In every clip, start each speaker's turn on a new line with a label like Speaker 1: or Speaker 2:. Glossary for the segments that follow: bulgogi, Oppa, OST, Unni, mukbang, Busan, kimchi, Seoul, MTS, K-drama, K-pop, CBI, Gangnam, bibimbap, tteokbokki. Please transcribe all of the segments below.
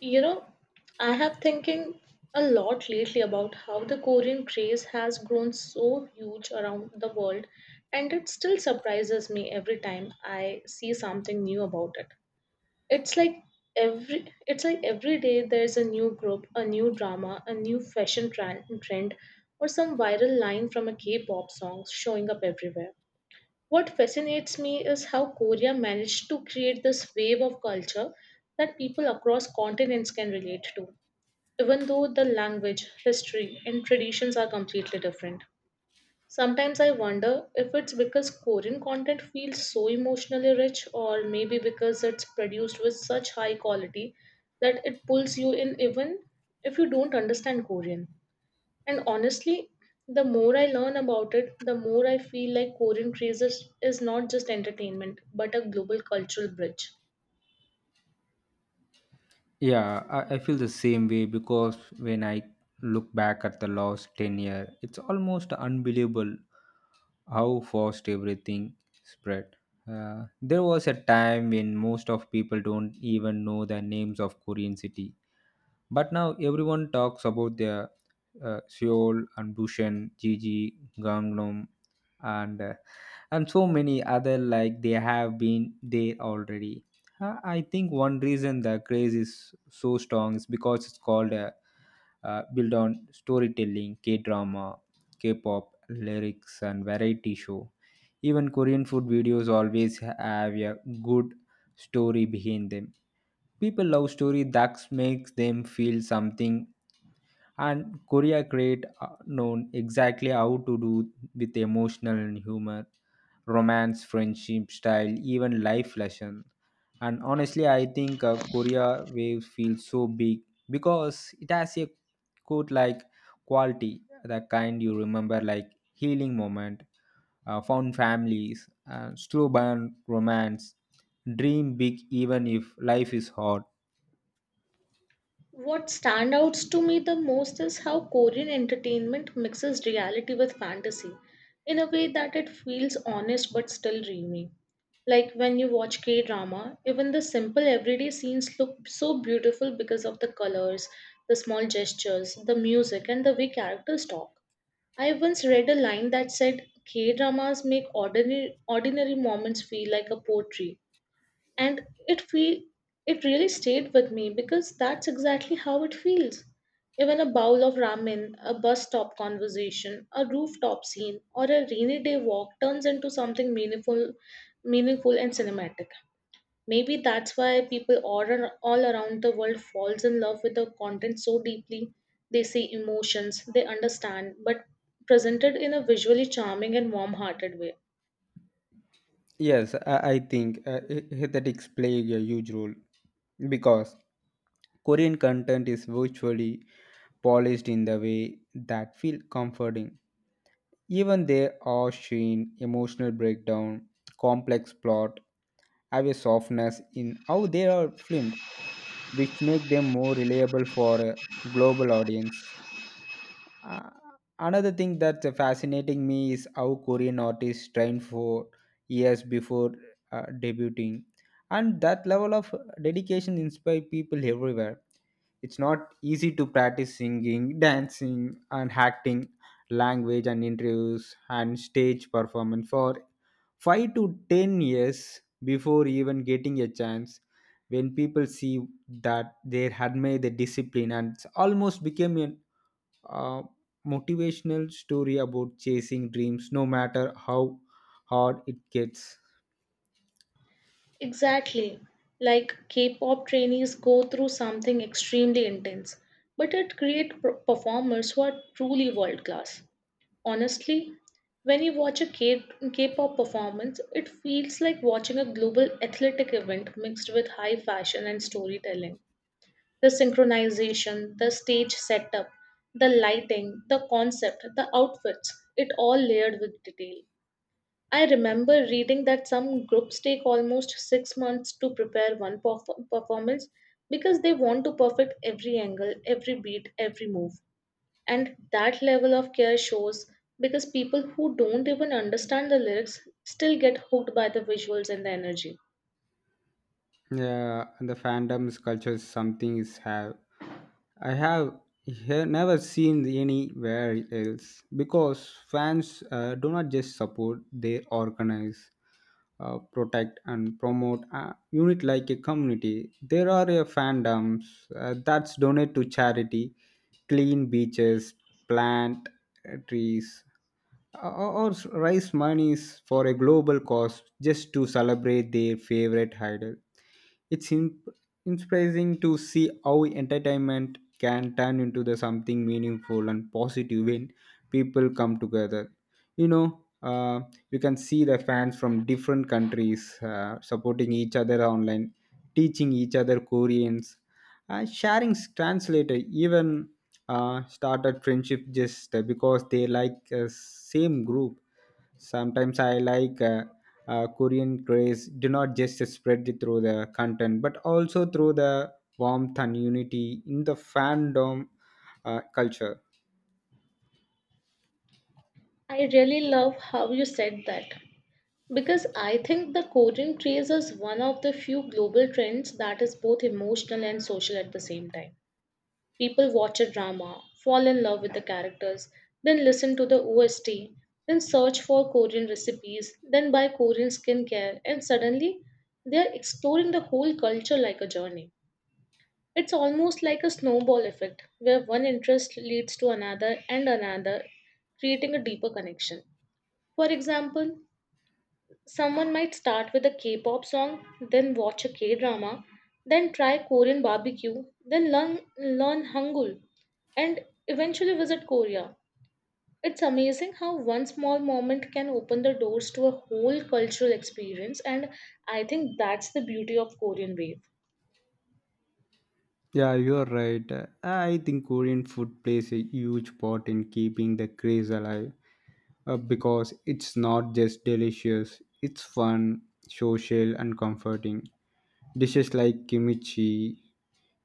Speaker 1: You know, I have thinking a lot lately about how the Korean craze has grown so huge around the world, and it still surprises me every time I see something new about it. It's like every day there's a new group, a new drama, a new fashion trend, or some viral line from a K-pop song showing up everywhere. What fascinates me is how Korea managed to create this wave of culture that people across continents can relate to, even though the language, history, and traditions are completely different. Sometimes I wonder if it's because Korean content feels so emotionally rich, or maybe because it's produced with such high quality that it pulls you in even if you don't understand Korean. And honestly, the more I learn about it, the more I feel like Korean crazes is not just entertainment, but a global cultural bridge.
Speaker 2: Yeah, I feel the same way because when I look back at the last 10-year, it's almost unbelievable how fast everything spread. There was a time when most of people don't even know the names of Korean city, but now everyone talks about their Seoul and Busan, Gigi, Gangnam, and uh, and so many other like they have been there already. I think one reason the craze is so strong is because it's called a build on storytelling, K drama, K pop, lyrics, and variety show. Even Korean food videos always have a good story behind them. People love story that makes them feel something, and korea great known exactly how to do with emotional and humor, romance, friendship, style, even life lesson. And honestly I think korea wave feels so big because it has a quote like quality, the kind you remember, like healing moment, found families, slow burn romance, dream big even if life is hard.
Speaker 1: What standouts to me the most is how Korean entertainment mixes reality with fantasy in a way that it feels honest but still dreamy. Like when you watch K drama, even the simple everyday scenes look so beautiful because of the colors, the small gestures, the music, and the way characters talk. I once read a line that said K dramas make ordinary moments feel like a poetry. And it feel it really stayed with me because that's exactly how it feels. Even a bowl of ramen, a bus stop conversation, a rooftop scene, or a rainy day walk turns into something meaningful and cinematic. Maybe that's why people all around the world falls in love with the content so deeply. They see emotions, they understand, but presented in a visually charming and warm-hearted way.
Speaker 2: Yes, I think that is playing a huge role because Korean content is virtually polished in the way that feel comforting. Even their awe sheen, emotional breakdown, complex plot have a softness in how they are filmed, which make them more reliable for a global audience. Uh, Another thing that's fascinating me is how Korean artists train for years before debuting, and that level of dedication inspires people everywhere. It's not easy to practice singing, dancing, and acting, language and interviews, and stage performance for 5 to 10 years before even getting a chance. When people see that, they admire the discipline, and it's almost became a motivational story about chasing dreams no matter how hard it gets.
Speaker 1: Exactly. Like K-pop trainees go through something extremely intense, but it creates performers who are truly world class. Honestly, when you watch a K-pop performance, it feels like watching a global athletic event mixed with high fashion and storytelling. The synchronization, the stage setup, the lighting, the concept, the outfits, it all layered with detail. I remember reading that some groups take almost 6 months to prepare one performance because they want to perfect every angle, every beat, every move. And that level of care shows because people who don't even understand the lyrics still get hooked by the visuals and the energy.
Speaker 2: Yeah, and the fandoms culture is something is have I have he- never seen anywhere else because fans do not just support, they organize, protect, and promote a unit like a community. There are fandoms that's donate to charity, clean beaches, plant trees, or raise monies for a global cause just to celebrate their favorite idol. It's inspiring to see how entertainment can turn into the something meaningful and positive when people come together. You know, you can see the fans from different countries supporting each other online, teaching each other Koreans, sharing translator, even started friendship just because they like same group. Sometimes I like Korean craze do not just spread it through the content but also through the warmth and unity in the fandom culture.
Speaker 1: I really love how you said that, because I think the coding craze is one of the few global trends that is both emotional and social at the same time. People watch a drama, fall in love with the characters, then listen to the OST, then search for Korean recipes, then buy Korean skincare, and suddenly they are exploring the whole culture like a journey. It's almost like a snowball effect where one interest leads to another and another, creating a deeper connection. For example, someone might start with a K pop song, then watch a K drama, then try Korean barbecue, then learn Hangul, and eventually visit Korea. It's amazing how one small moment can open the doors to a whole cultural experience, and I think that's the beauty of Korean Wave.
Speaker 2: Yeah, you're right. I think Korean food plays a huge part in keeping the craze alive because it's not just delicious, it's fun, social, and comforting. Dishes like kimchi,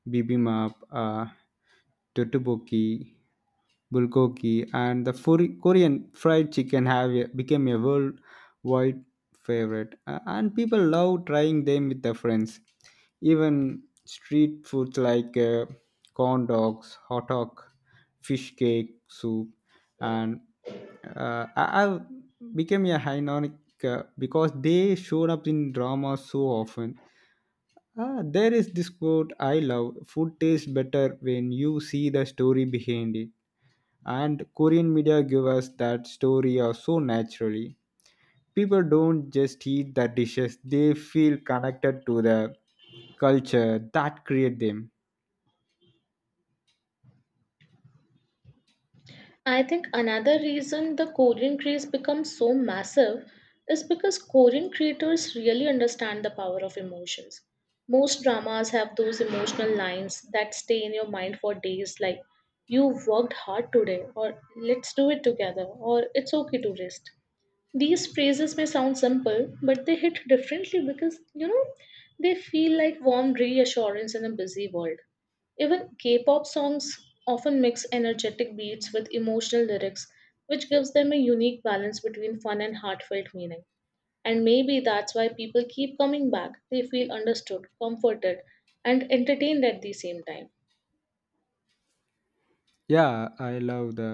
Speaker 2: bibimbap, tteokbokki, bulgogi, and the Korean fried chicken have become a worldwide favorite, and people love trying them with their friends. Even street foods like corn dogs, hot dog, fish cake, soup, and I- I've become a iconic because they showed up in drama so often. Ah, there is this quote I love: food tastes better when you see the story behind it, and korean media give us that story so naturally. People don't just eat the dishes, they feel connected to the culture that create them.
Speaker 1: I think another reason the Korean craze becomes so massive is because Korean creators really understand the power of emotions. Most dramas have those emotional lines that stay in your mind for days, like, "You worked hard today," or "Let's do it together," or "It's okay to rest." These phrases may sound simple, but they hit differently because, you know, they feel like warm reassurance in a busy world. Even K pop songs often mix energetic beats with emotional lyrics, which gives them a unique balance between fun and heartfelt meaning. And maybe that's why people keep coming back. They feel understood, comforted, and entertained at the same time.
Speaker 2: Yeah, I love the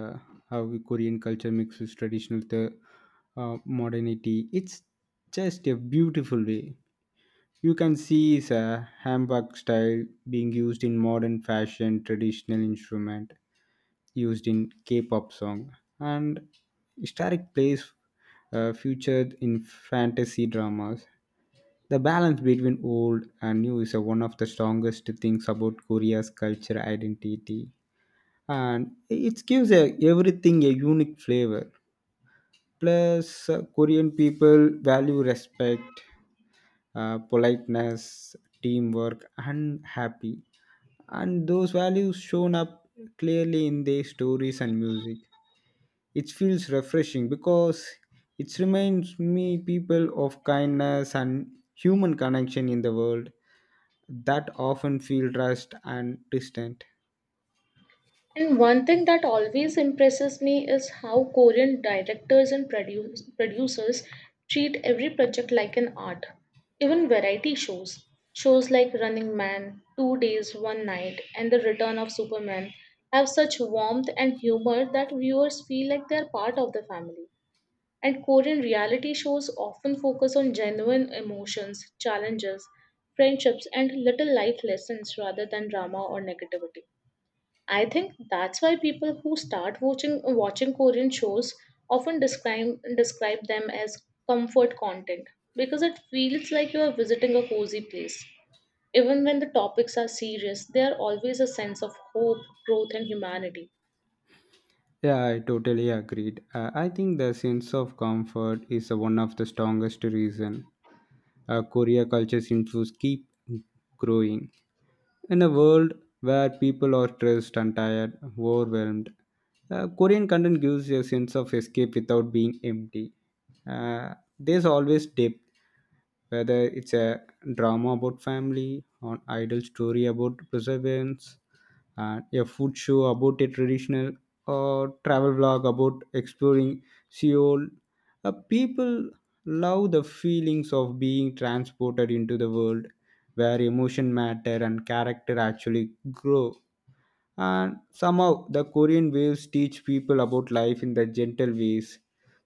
Speaker 2: how korean culture mixes traditional the modernity, it's just a beautiful way. You can see is a handbag style being used in modern fashion, traditional instrument used in K-pop song, and historic plays featured in fantasy dramas. The balance between old and new is one of the strongest things about Korea's culture identity, and it gives everything a unique flavor. Plus, Korean people value respect, politeness, teamwork, and happy. And those values shown up clearly in their stories and music. It feels refreshing because it reminds me people of kindness and human connection in the world that often feel rushed and distant.
Speaker 1: And one thing that always impresses me is how Korean directors and producers treat every project like an art. Even shows like Running Man, Two Days, One Night, and The Return of Superman, have such warmth and humor that viewers feel like they're part of the family. And Korean reality shows often focus on genuine emotions, challenges, friendships, and little life lessons rather than drama or negativity. I think that's why people who start watching Korean shows often describe them as comfort content because it feels like you are visiting a cozy place. Even when the topics are serious, there are always a sense of hope, growth, and humanity.
Speaker 2: Yeah, I totally agreed. I think the sense of comfort is one of the strongest reason Korea culture seems to keep growing. In a world where people are stressed and tired, overwhelmed, Korean content gives you a sense of escape without being empty. There's always depth, whether it's a drama about family, an idol story about perseverance, and a food show about a traditional, or travel vlog about exploring Seoul. People love the feelings of being transported into the world where emotion matter and character actually grow. And somehow the Korean waves teach people about life in the gentle ways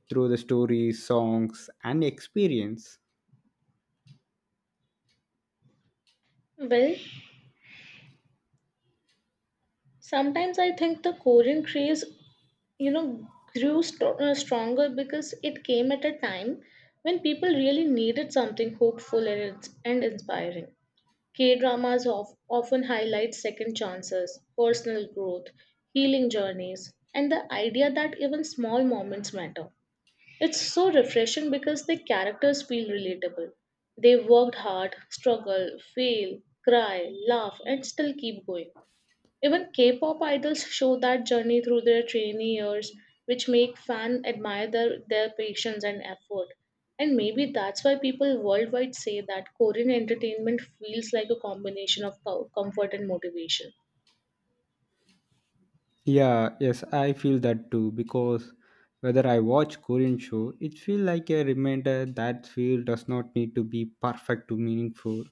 Speaker 2: through the stories, songs, and experience.
Speaker 1: Well, sometimes I think the Korean craze, you know, grew stronger because it came at a time when people really needed something hopeful and inspiring. K dramas often highlight second chances, personal growth, healing journeys, and the idea that even small moments matter. It's so refreshing because the characters feel relatable. They worked hard, struggle, fail, cry, laugh, and still keep going. Even K-pop idols show that journey through their trainee years, which make fans admire their patience and effort. And maybe that's why people worldwide say that Korean entertainment feels like a combination of comfort and motivation.
Speaker 2: Yeah, yes, I feel that too because whether I watch Korean show, it feels like a reminder that feel does not need to be perfect to meaningful.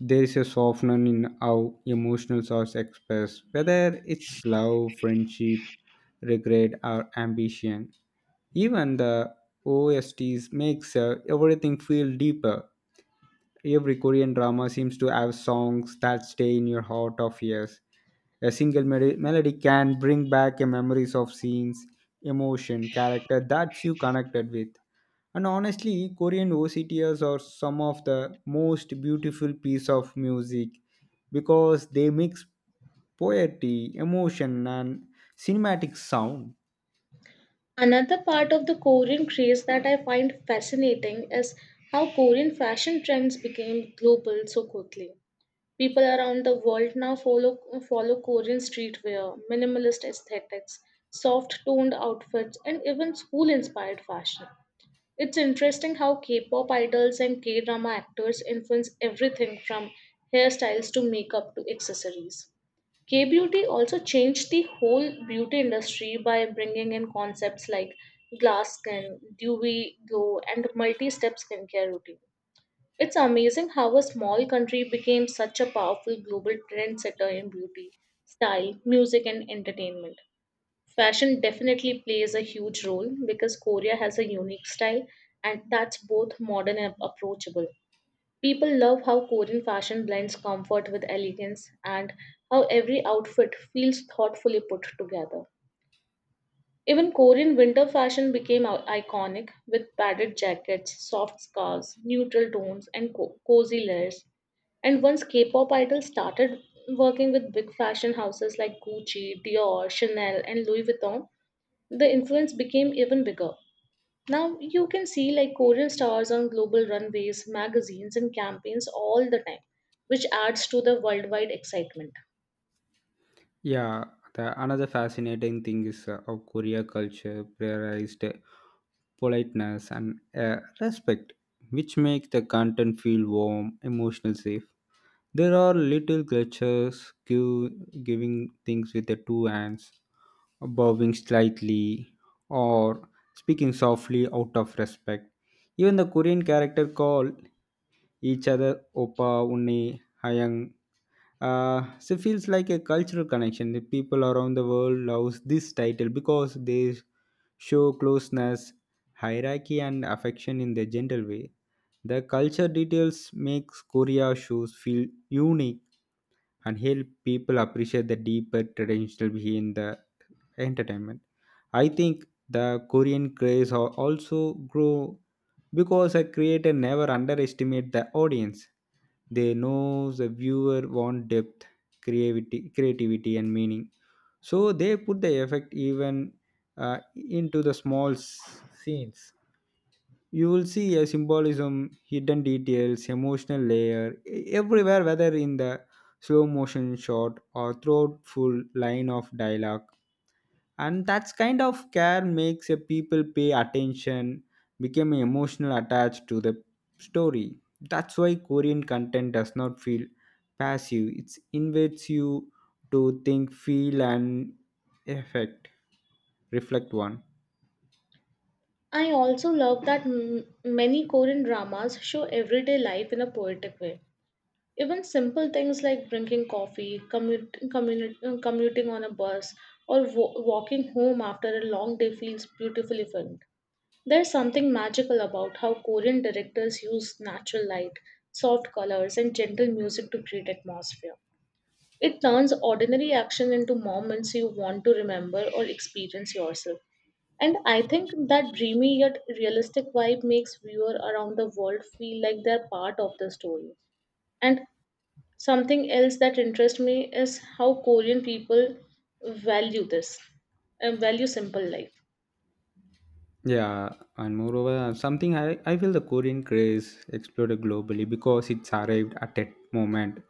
Speaker 2: There is a softening in how emotional thoughts express, whether it's love, friendship, regret, or ambition. Even the OSTs makes everything feel deeper. Every Korean drama seems to have songs that stay in your heart of years. A single melody can bring back a memories of scenes, emotion, character that you connected with. And honestly, Korean OCTs are some of the most beautiful piece of music because they mix poetry, emotion, and cinematic sound.
Speaker 1: Another part of the Korean craze that I find fascinating is how Korean fashion trends became global so quickly. People around the world now follow Korean streetwear, minimalist aesthetics, soft toned outfits, and even school inspired fashion. It's interesting how K-pop idols and K-drama actors influence everything from hairstyles to makeup to accessories. K beauty also changed the whole beauty industry by bringing in concepts like glass skin, dewy glow, and multi step skincare routine. It's amazing how a small country became such a powerful global trendsetter in beauty, style, music, and entertainment. Fashion definitely plays a huge role because Korea has a unique style and that's both modern and approachable. People love how Korean fashion blends comfort with elegance and how every outfit feels thoughtfully put together. Even Korean winter fashion became iconic with padded jackets, soft scarves, neutral tones, and cozy layers. And once K pop idols started working with big fashion houses like Gucci, Dior, Chanel, and Louis Vuitton, the influence became even bigger. Now you can see like Korean stars on global runways, magazines, and campaigns all the time, which adds to the worldwide excitement.
Speaker 2: Yeah, the another fascinating thing is how Korea culture prioritized politeness and respect, which make the content feel warm, emotional, safe. There are little creatures give, giving things with the two hands, bowing slightly, or speaking softly out of respect. Even the Korean character call each other Opa, Unni, Hayang. So it feels like a cultural connection. The people around the world loves this title because they show closeness, hierarchy, and affection in their gentle way. The culture details makes Korea shows feel unique and help people appreciate the deeper traditional behind the entertainment. I think the Korean craze also grow because a creator never underestimate the audience. They know the viewer want depth, creativity, and meaning. So they put the effect even into the small scenes. You will see a symbolism, hidden details, emotional layer everywhere, whether in the slow motion shot or thoughtful line of dialogue. And that's kind of care makes a people pay attention, become emotional attached to the story. That's why korean content does not feel passive, it invites you to think, feel, and affect, reflect one.
Speaker 1: I also love that many Korean dramas show everyday life in a poetic way. Even simple things like drinking coffee, commuting on a bus, or walking home after a long day feels beautifully filmed. There's something magical about how Korean directors use natural light, soft colors, and gentle music to create atmosphere. It turns ordinary action into moments you want to remember or experience yourself. And I think that dreamy yet realistic vibe makes viewers around the world feel like they're part of the story. And something else that interests me is how Korean people value this, value simple life.
Speaker 2: Yeah, and moreover, something I feel the Korean craze exploded globally because it's arrived at a moment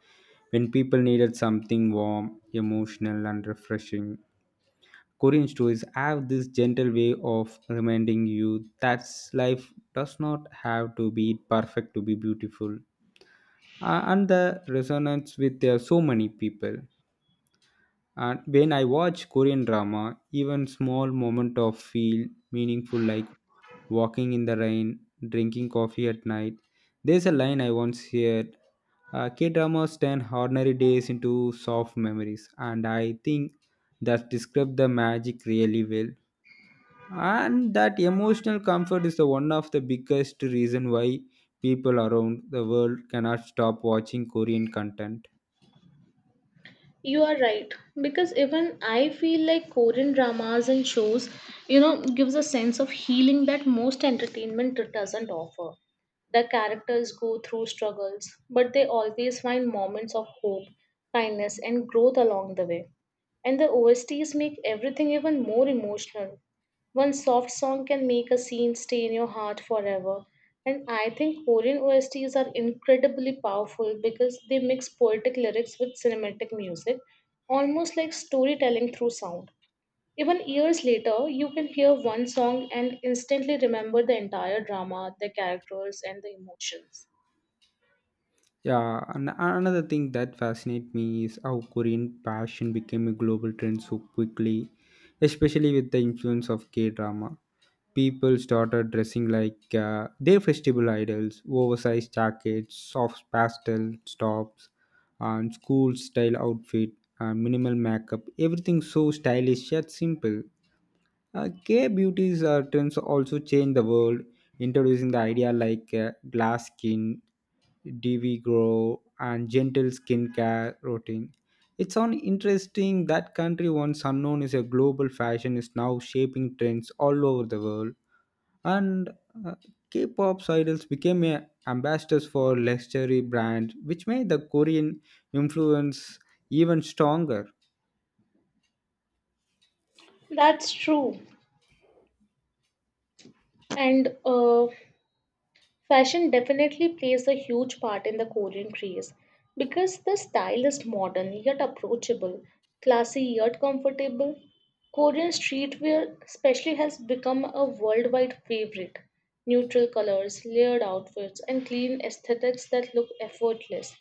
Speaker 2: when people needed something warm, emotional, and refreshing. Korean stories have this gentle way of reminding you that life does not have to be perfect to be beautiful, and the resonance with so many people. And when I watch Korean drama, even small moment of feel meaningful, like walking in the rain, drinking coffee at night. There's a line I once heard, K dramas turn ordinary days into soft memories, and I think that describes the magic really well. And that emotional comfort is the one of the biggest reason why people around the world cannot stop watching Korean content.
Speaker 1: You are right because even I feel like Korean dramas and shows, you know, gives a sense of healing that most entertainment doesn't offer. The characters go through struggles, but they always find moments of hope, kindness, and growth along the way. And the OSTs make everything even more emotional. One soft song can make a scene stay in your heart forever. And I think Korean OSTs are incredibly powerful because they mix poetic lyrics with cinematic music, almost like storytelling through sound. Even years later, you can hear one song and instantly remember the entire drama, the characters, and the emotions.
Speaker 2: Yeah, and another thing that fascinates me is how Korean fashion became a global trend so quickly, especially with the influence of K drama. People started dressing like their festival idols, oversized jackets, soft pastel tops, and school style outfit, and minimal makeup. Everything so stylish yet simple. Gay beauty's trends also change the world, introducing the idea like glass skin, DV grow, and gentle skincare routine. It's on interesting that country once unknown is a global fashion is now shaping trends all over the world, and uh, K-pop idols became a ambassadors for luxury brands, which made the Korean influence even stronger.
Speaker 1: That's true. And Fashion definitely plays a huge part in the Korean craze because the style is modern yet approachable, classy yet comfortable. Korean streetwear, especially, has become a worldwide favorite. Neutral colors, layered outfits, and clean aesthetics that look effortless.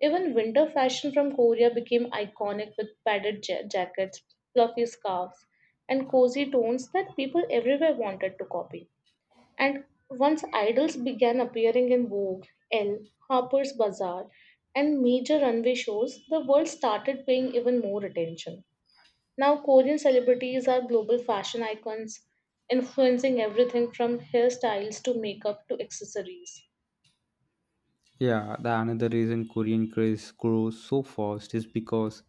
Speaker 1: Even winter fashion from Korea became iconic with padded jackets, fluffy scarves, and cozy tones that people everywhere wanted to copy. And once idols began appearing in Vogue, Elle, Harper's Bazaar, and major runway shows, the world started paying even more attention. Now, Korean celebrities are global fashion icons, influencing everything from hairstyles to makeup to accessories.
Speaker 2: Yeah, the another reason Korean craze grows so fast is because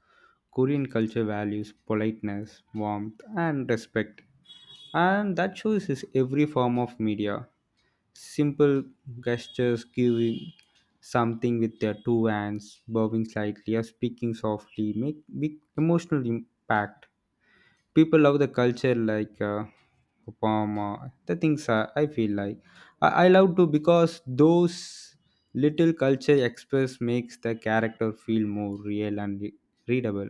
Speaker 2: Korean culture values politeness, warmth, and respect, and that shows in every form of media. Simple gestures, giving something with their two hands, bowing slightly, or speaking softly make big emotional impact. People love the culture like upama the things I feel like I love to because those little culture express makes the character feel more real and readable.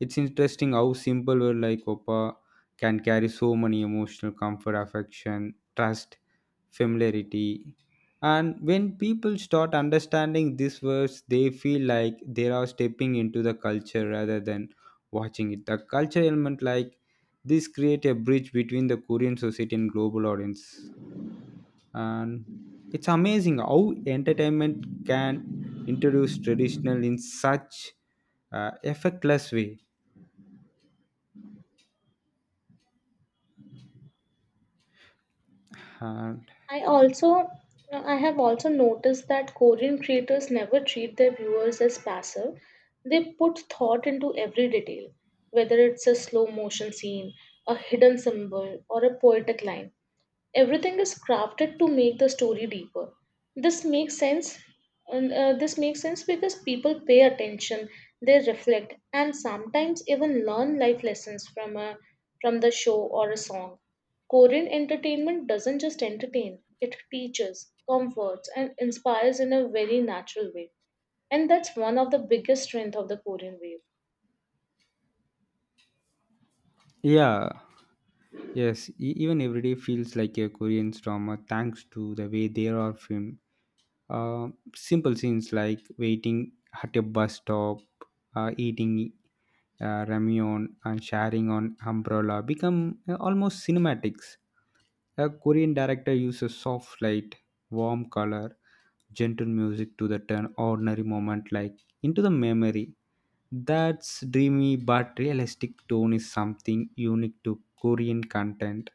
Speaker 2: It's interesting how simple word like Opa can carry so many emotional comfort, affection, trust, familiarity. And when people start understanding these words, they feel like they are stepping into the culture rather than watching it. The culture element like this create a bridge between the Korean society and global audience. And it's amazing how entertainment can introduce traditional in such effortless way. And
Speaker 1: I also I have also noticed that Korean creators never treat their viewers as passive. They put thought into every detail, whether it's a slow motion scene, a hidden symbol, or a poetic line. Everything is crafted to make the story deeper. this makes sense this makes sense because people pay attention. They reflect and sometimes even learn life lessons from a from the show or a song. Korean entertainment doesn't just entertain. It teaches, comforts, and inspires in a very natural way, and that's one of the biggest strength of the Korean wave.
Speaker 2: yeah, yes, even everyday feels like a Korean drama thanks to the way they are filmed. Simple scenes like waiting at a bus stop, eating ramyeon and sharing on umbrella become almost cinematics. A Korean director uses soft light, warm color, gentle music to the turn ordinary moment like into the memory. That's dreamy but realistic tone is something unique to Korean content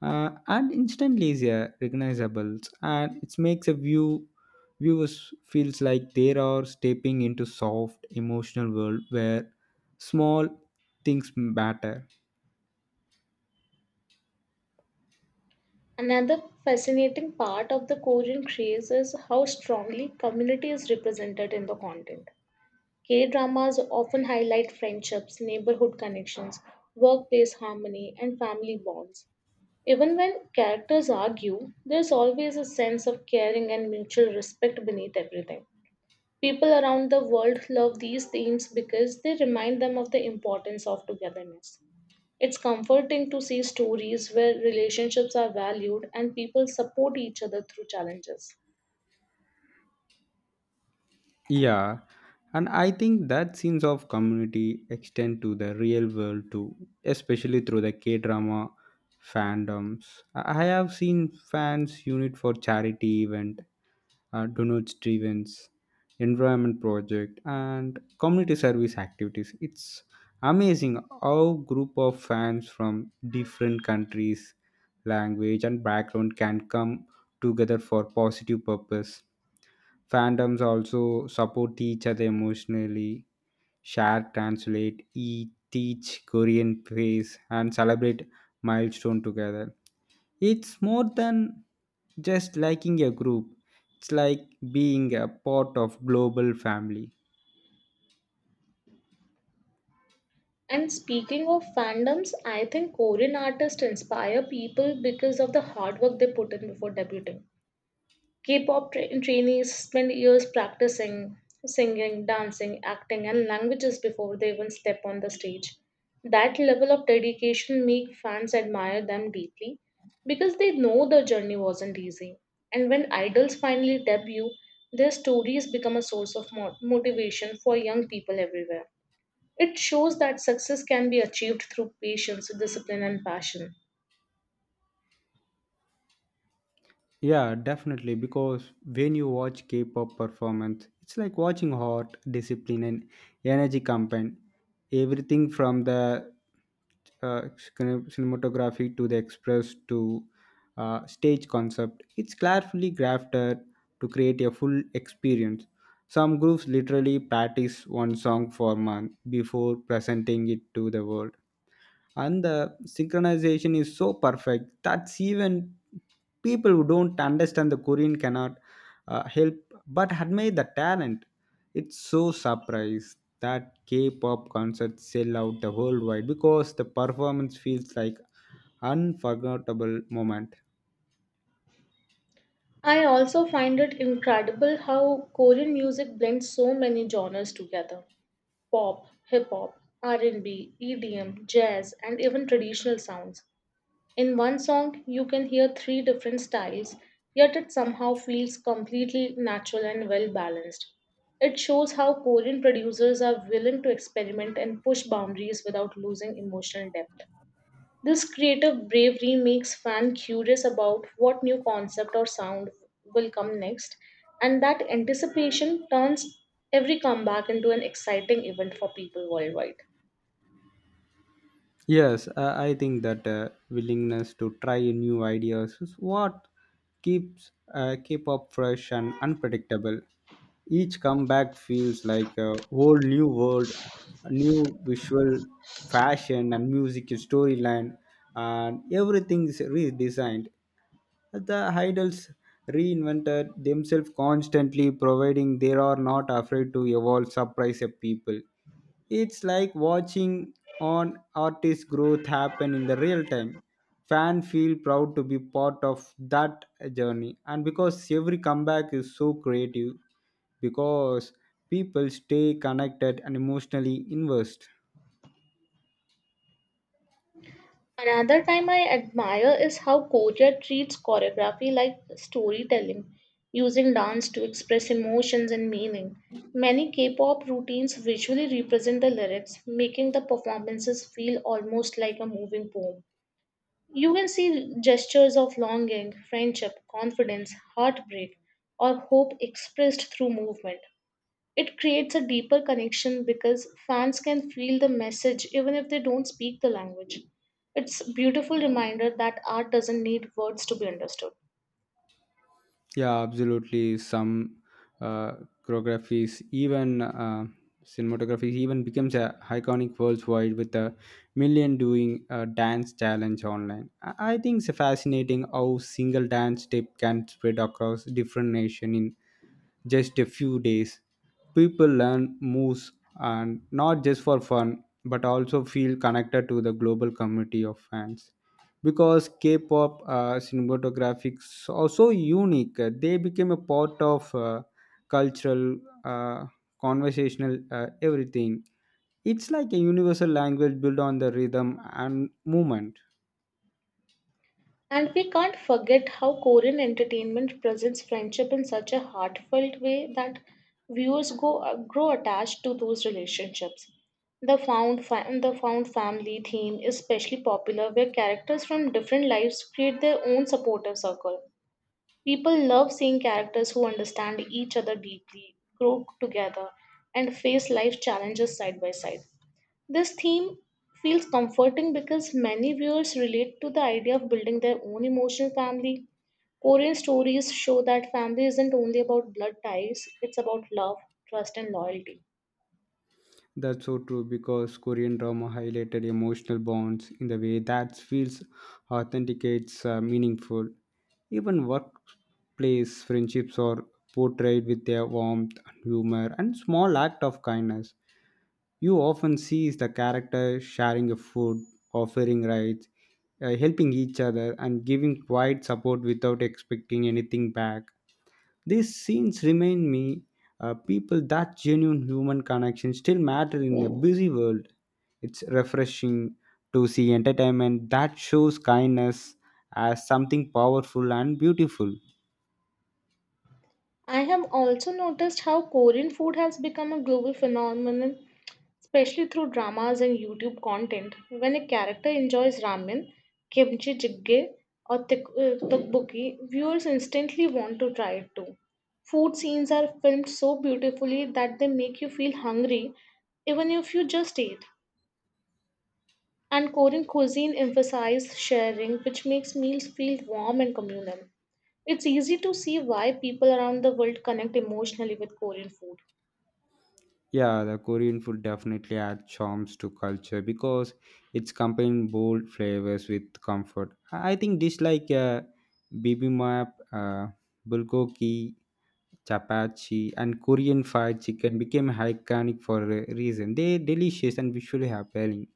Speaker 2: and instantly is recognizable, and it makes a viewers feels like they are stepping into soft emotional world where small things matter.
Speaker 1: Another fascinating part of the Korean craze is how strongly community is represented in the content. K dramas often highlight friendships, neighborhood connections, workplace harmony, and family bonds. Even when characters argue, there's always a sense of caring and mutual respect beneath everything. People around the world love these themes because they remind them of the importance of togetherness. It's comforting to see stories where relationships are valued and people support each other through challenges.
Speaker 2: Yeah, and I think that sense of community extend to the real world too, especially through the K drama fandoms. I have seen fans unit for charity event, donors driven's environment project, and community service activities. It's amazing how group of fans from different countries, language, and background can come together for positive purpose. Fandoms also support each other emotionally, share translate eat teach Korean praise and celebrate milestone together. It's more than just liking a group. It's like being a part of global family.
Speaker 1: And speaking of fandoms, I think Korean artists inspire people because of the hard work they put in before debuting. Trainees spend years practicing singing, dancing, acting, and languages before they even step on the stage. That level of dedication make fans admire them deeply because they know the journey wasn't easy. And when idols finally debut, their stories become a source of motivation for young people everywhere. It shows that success can be achieved through patience, discipline, and passion.
Speaker 2: Yeah, definitely. Because when you watch K-pop performance, it's like watching heart, discipline, and energy campaign. Everything from the uh, cinematography to the express to stage concept, it's carefully crafted to create a full experience. Some groups literally practice one song for month before presenting it to the world, and the synchronization is so perfect that's even people who don't understand the Korean cannot help but admire the talent. It's so surprised that K-pop concerts sell out the worldwide because the performance feels like unforgettable moment.
Speaker 1: I also find it incredible how Korean music blends so many genres together. Pop, hip hop, R&B, EDM, jazz, and even traditional sounds. In one song, you can hear three different styles, yet it somehow feels completely natural and well balanced. It shows how Korean producers are willing to experiment and push boundaries without losing emotional depth. This creative bravery makes fans curious about what new concept or sound will come next, and that anticipation turns every comeback into an exciting event for people worldwide.
Speaker 2: Yes, I think that willingness to try new ideas is what keep up fresh and unpredictable. Each comeback feels like a whole new world, a new visual fashion and music storyline, and everything is redesigned. The idols reinvented themselves constantly, providing they are not afraid to evolve, surprise a people. It's like watching on artist growth happen in the real time. Fan feel proud to be part of that journey, and because every comeback is so creative, because people stay connected and emotionally invested.
Speaker 1: Another time I admire is how Korea treats choreography like storytelling, using dance to express emotions and meaning. Many K pop routines visually represent the lyrics, making the performances feel almost like a moving poem. You can see gestures of longing, friendship, confidence, heartbreak, or hope expressed through movement. It creates a deeper connection because fans can feel the message even if they don't speak the language. It's a beautiful reminder that art doesn't need words to be understood.
Speaker 2: Yeah, absolutely. Some uh, choreographies, even cinematography, even becomes a iconic worldwide with a million doing a dance challenge online. I think it's fascinating how single dance step can spread across different nation in just a few days. People learn moves and not just for fun but also feel connected to the global community of fans. Because K pop cinematographics are so unique, they became a part of cultural, uh, conversational, everything. It's like a universal language built on the rhythm and movement.
Speaker 1: And we can't forget how Korean entertainment presents friendship in such a heartfelt way that viewers grow attached to those relationships. The found family theme is especially popular where characters from different lives create their own supportive circle. People love seeing characters who understand each other deeply, grow together, and face life challenges side by side. This theme feels comforting because many viewers relate to the idea of building their own emotional family. Korean stories show that family isn't only about blood ties, it's about love, trust, and loyalty.
Speaker 2: That's so true because Korean drama highlighted emotional bonds in the way that feels authenticates meaningful. Even workplace friendships are portrayed with their warmth, humor, and small act of kindness. You often see the character sharing a food, offering rides, helping each other, and giving quiet support without expecting anything back. These scenes remind me people that genuine human connection still matter in a busy world. It's refreshing to see entertainment that shows kindness as something powerful and beautiful.
Speaker 1: I have also noticed how Korean food has become a global phenomenon, especially through dramas and YouTube content. When a character enjoys ramen, kimchi jjigae, or tteokbokki, viewers instantly want to try it too. Food scenes are filmed so beautifully that they make you feel hungry even if you just ate. And Korean cuisine emphasizes sharing, which makes meals feel warm and communal. It's easy to see why people around the world connect emotionally with Korean food.
Speaker 2: Yeah, the Korean food definitely adds charms to culture because it's combined bold flavors with comfort. I think dish like bibimbap, bulgogi, chapachi, and Korean fried chicken became iconic for a reason. They are delicious and visually appealing.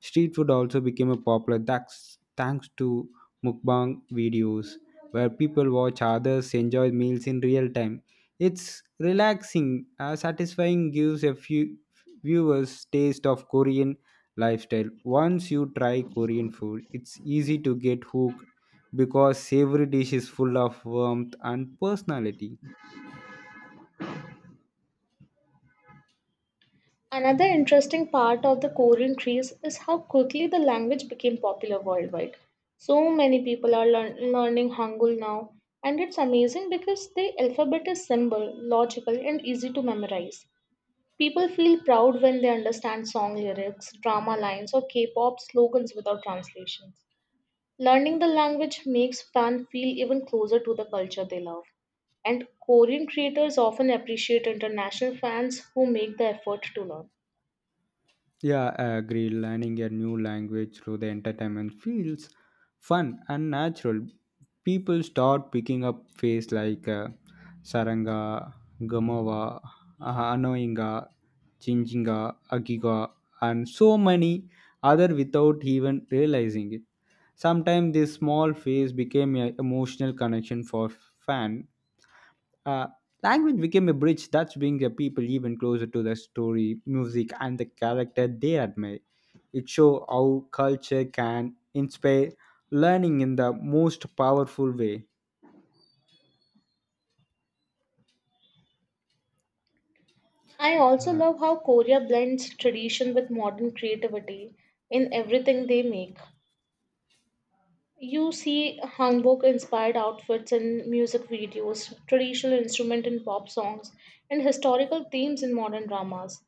Speaker 2: Street food also became a popular thanks to mukbang videos where people watch others enjoy meals in real time. It's relaxing, satisfying, gives a few viewers taste of Korean lifestyle. Once you try Korean food, it's easy to get hooked because savory dish is full of warmth and personality.
Speaker 1: Another interesting part of the Korean craze is how quickly the language became popular worldwide. So many people are learning Hangul now, and it's amazing because the alphabet is simple, logical, and easy to memorize. People feel proud when they understand song lyrics, drama lines, or K pop slogans without translations. Learning the language makes fans feel even closer to the culture they love. And Korean creators often appreciate international fans who make the effort to learn.
Speaker 2: Yeah, I agree. Learning a new language through the entertainment feels fun and natural. People start picking up phrases like Saranga, Gamawa, Anoinga, Chinjinga, Agiga, and so many other without even realizing it. Sometimes this small phase became an emotional connection for fan. uh, Language became a bridge that brings the people even closer to the story, music, and the character they admire. It shows how culture can inspire learning in the most powerful way.
Speaker 1: I also
Speaker 2: Uh,
Speaker 1: love how Korea blends tradition with modern creativity in everything they make. You see hanbok inspired outfits in music videos, traditional instrument in pop songs, and historical themes in modern dramas.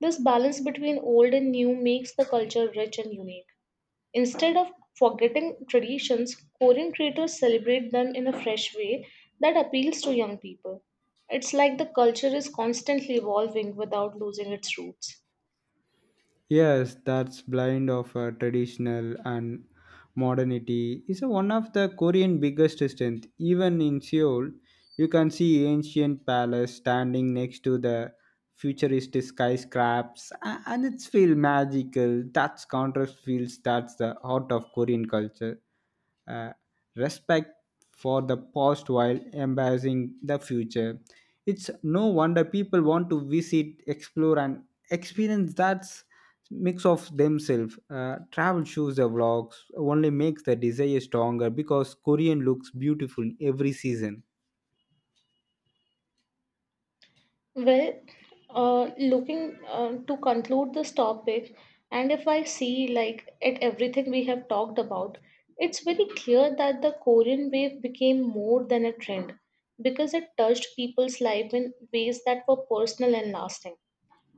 Speaker 1: This balance between old and new makes the culture rich and unique. Instead of forgetting traditions, Korean creators celebrate them in a fresh way that appeals to young people. It's like the culture is constantly evolving without losing its roots.
Speaker 2: Yes, that's blind of traditional and modernity is a one of the Korean biggest strength. Even in Seoul, you can see ancient palace standing next to the futuristic skyscrapes, and it's feel magical. That's contrast feels that's the heart of Korean culture, uh, respect for the past while embracing the future. It's no wonder people want to visit, explore, and experience that mix of themselves. Travel shows the vlogs only makes the desire stronger because Korean looks beautiful every season.
Speaker 1: Well, looking to conclude this topic, and if I see like at everything we have talked about, it's very clear that the Korean wave became more than a trend because it touched people's life in ways that were personal and lasting.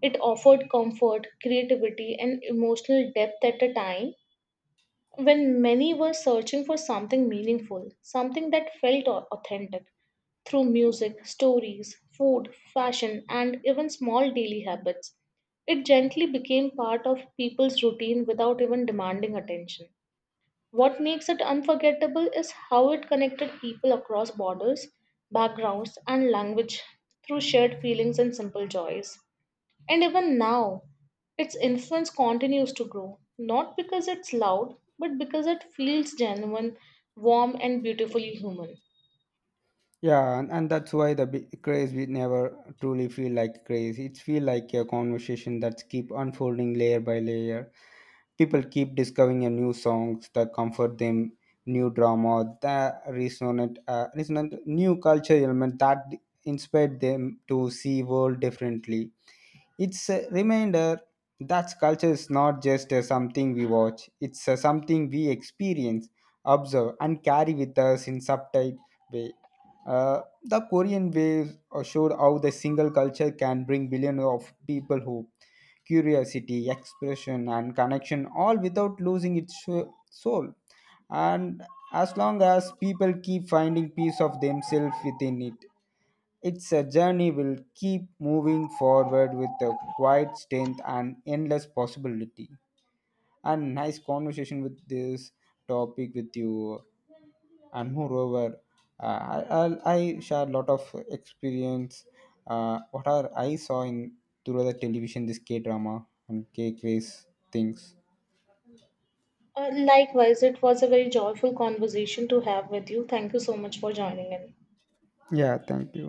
Speaker 1: It offered comfort, creativity, and emotional depth at a time when many were searching for something meaningful, something that felt authentic. Through music, stories, food, fashion, and even small daily habits, it gently became part of people's routine without even demanding attention. What makes it unforgettable is how it connected people across borders, backgrounds, and language through shared feelings and simple joys. And even now, its influence continues to grow, not because it's loud, but because it feels genuine, warm, and beautifully human.
Speaker 2: Yeah, and that's why the craze we never truly feel like craze. It feel like a conversation that's keep unfolding layer by layer. People keep discovering a new songs that comfort them, new drama, that resonant new culture element that inspired them to see world differently. It's a reminder that culture is not just something we watch, it's something we experience, observe, and carry with us in subtle way. The Korean Wave showed how the single culture can bring billions of people hope, curiosity, expression, and connection, all without losing its soul. And as long as people keep finding piece of themselves within it. It's a journey will keep moving forward with a quiet strength and endless possibility. And nice conversation with this topic with you. And moreover, I share a lot of experience. What are I saw in through the television this K drama and K quiz things.
Speaker 1: Likewise, it was a very joyful conversation to have with you. Thank you so much for joining in.
Speaker 2: Yeah, thank you.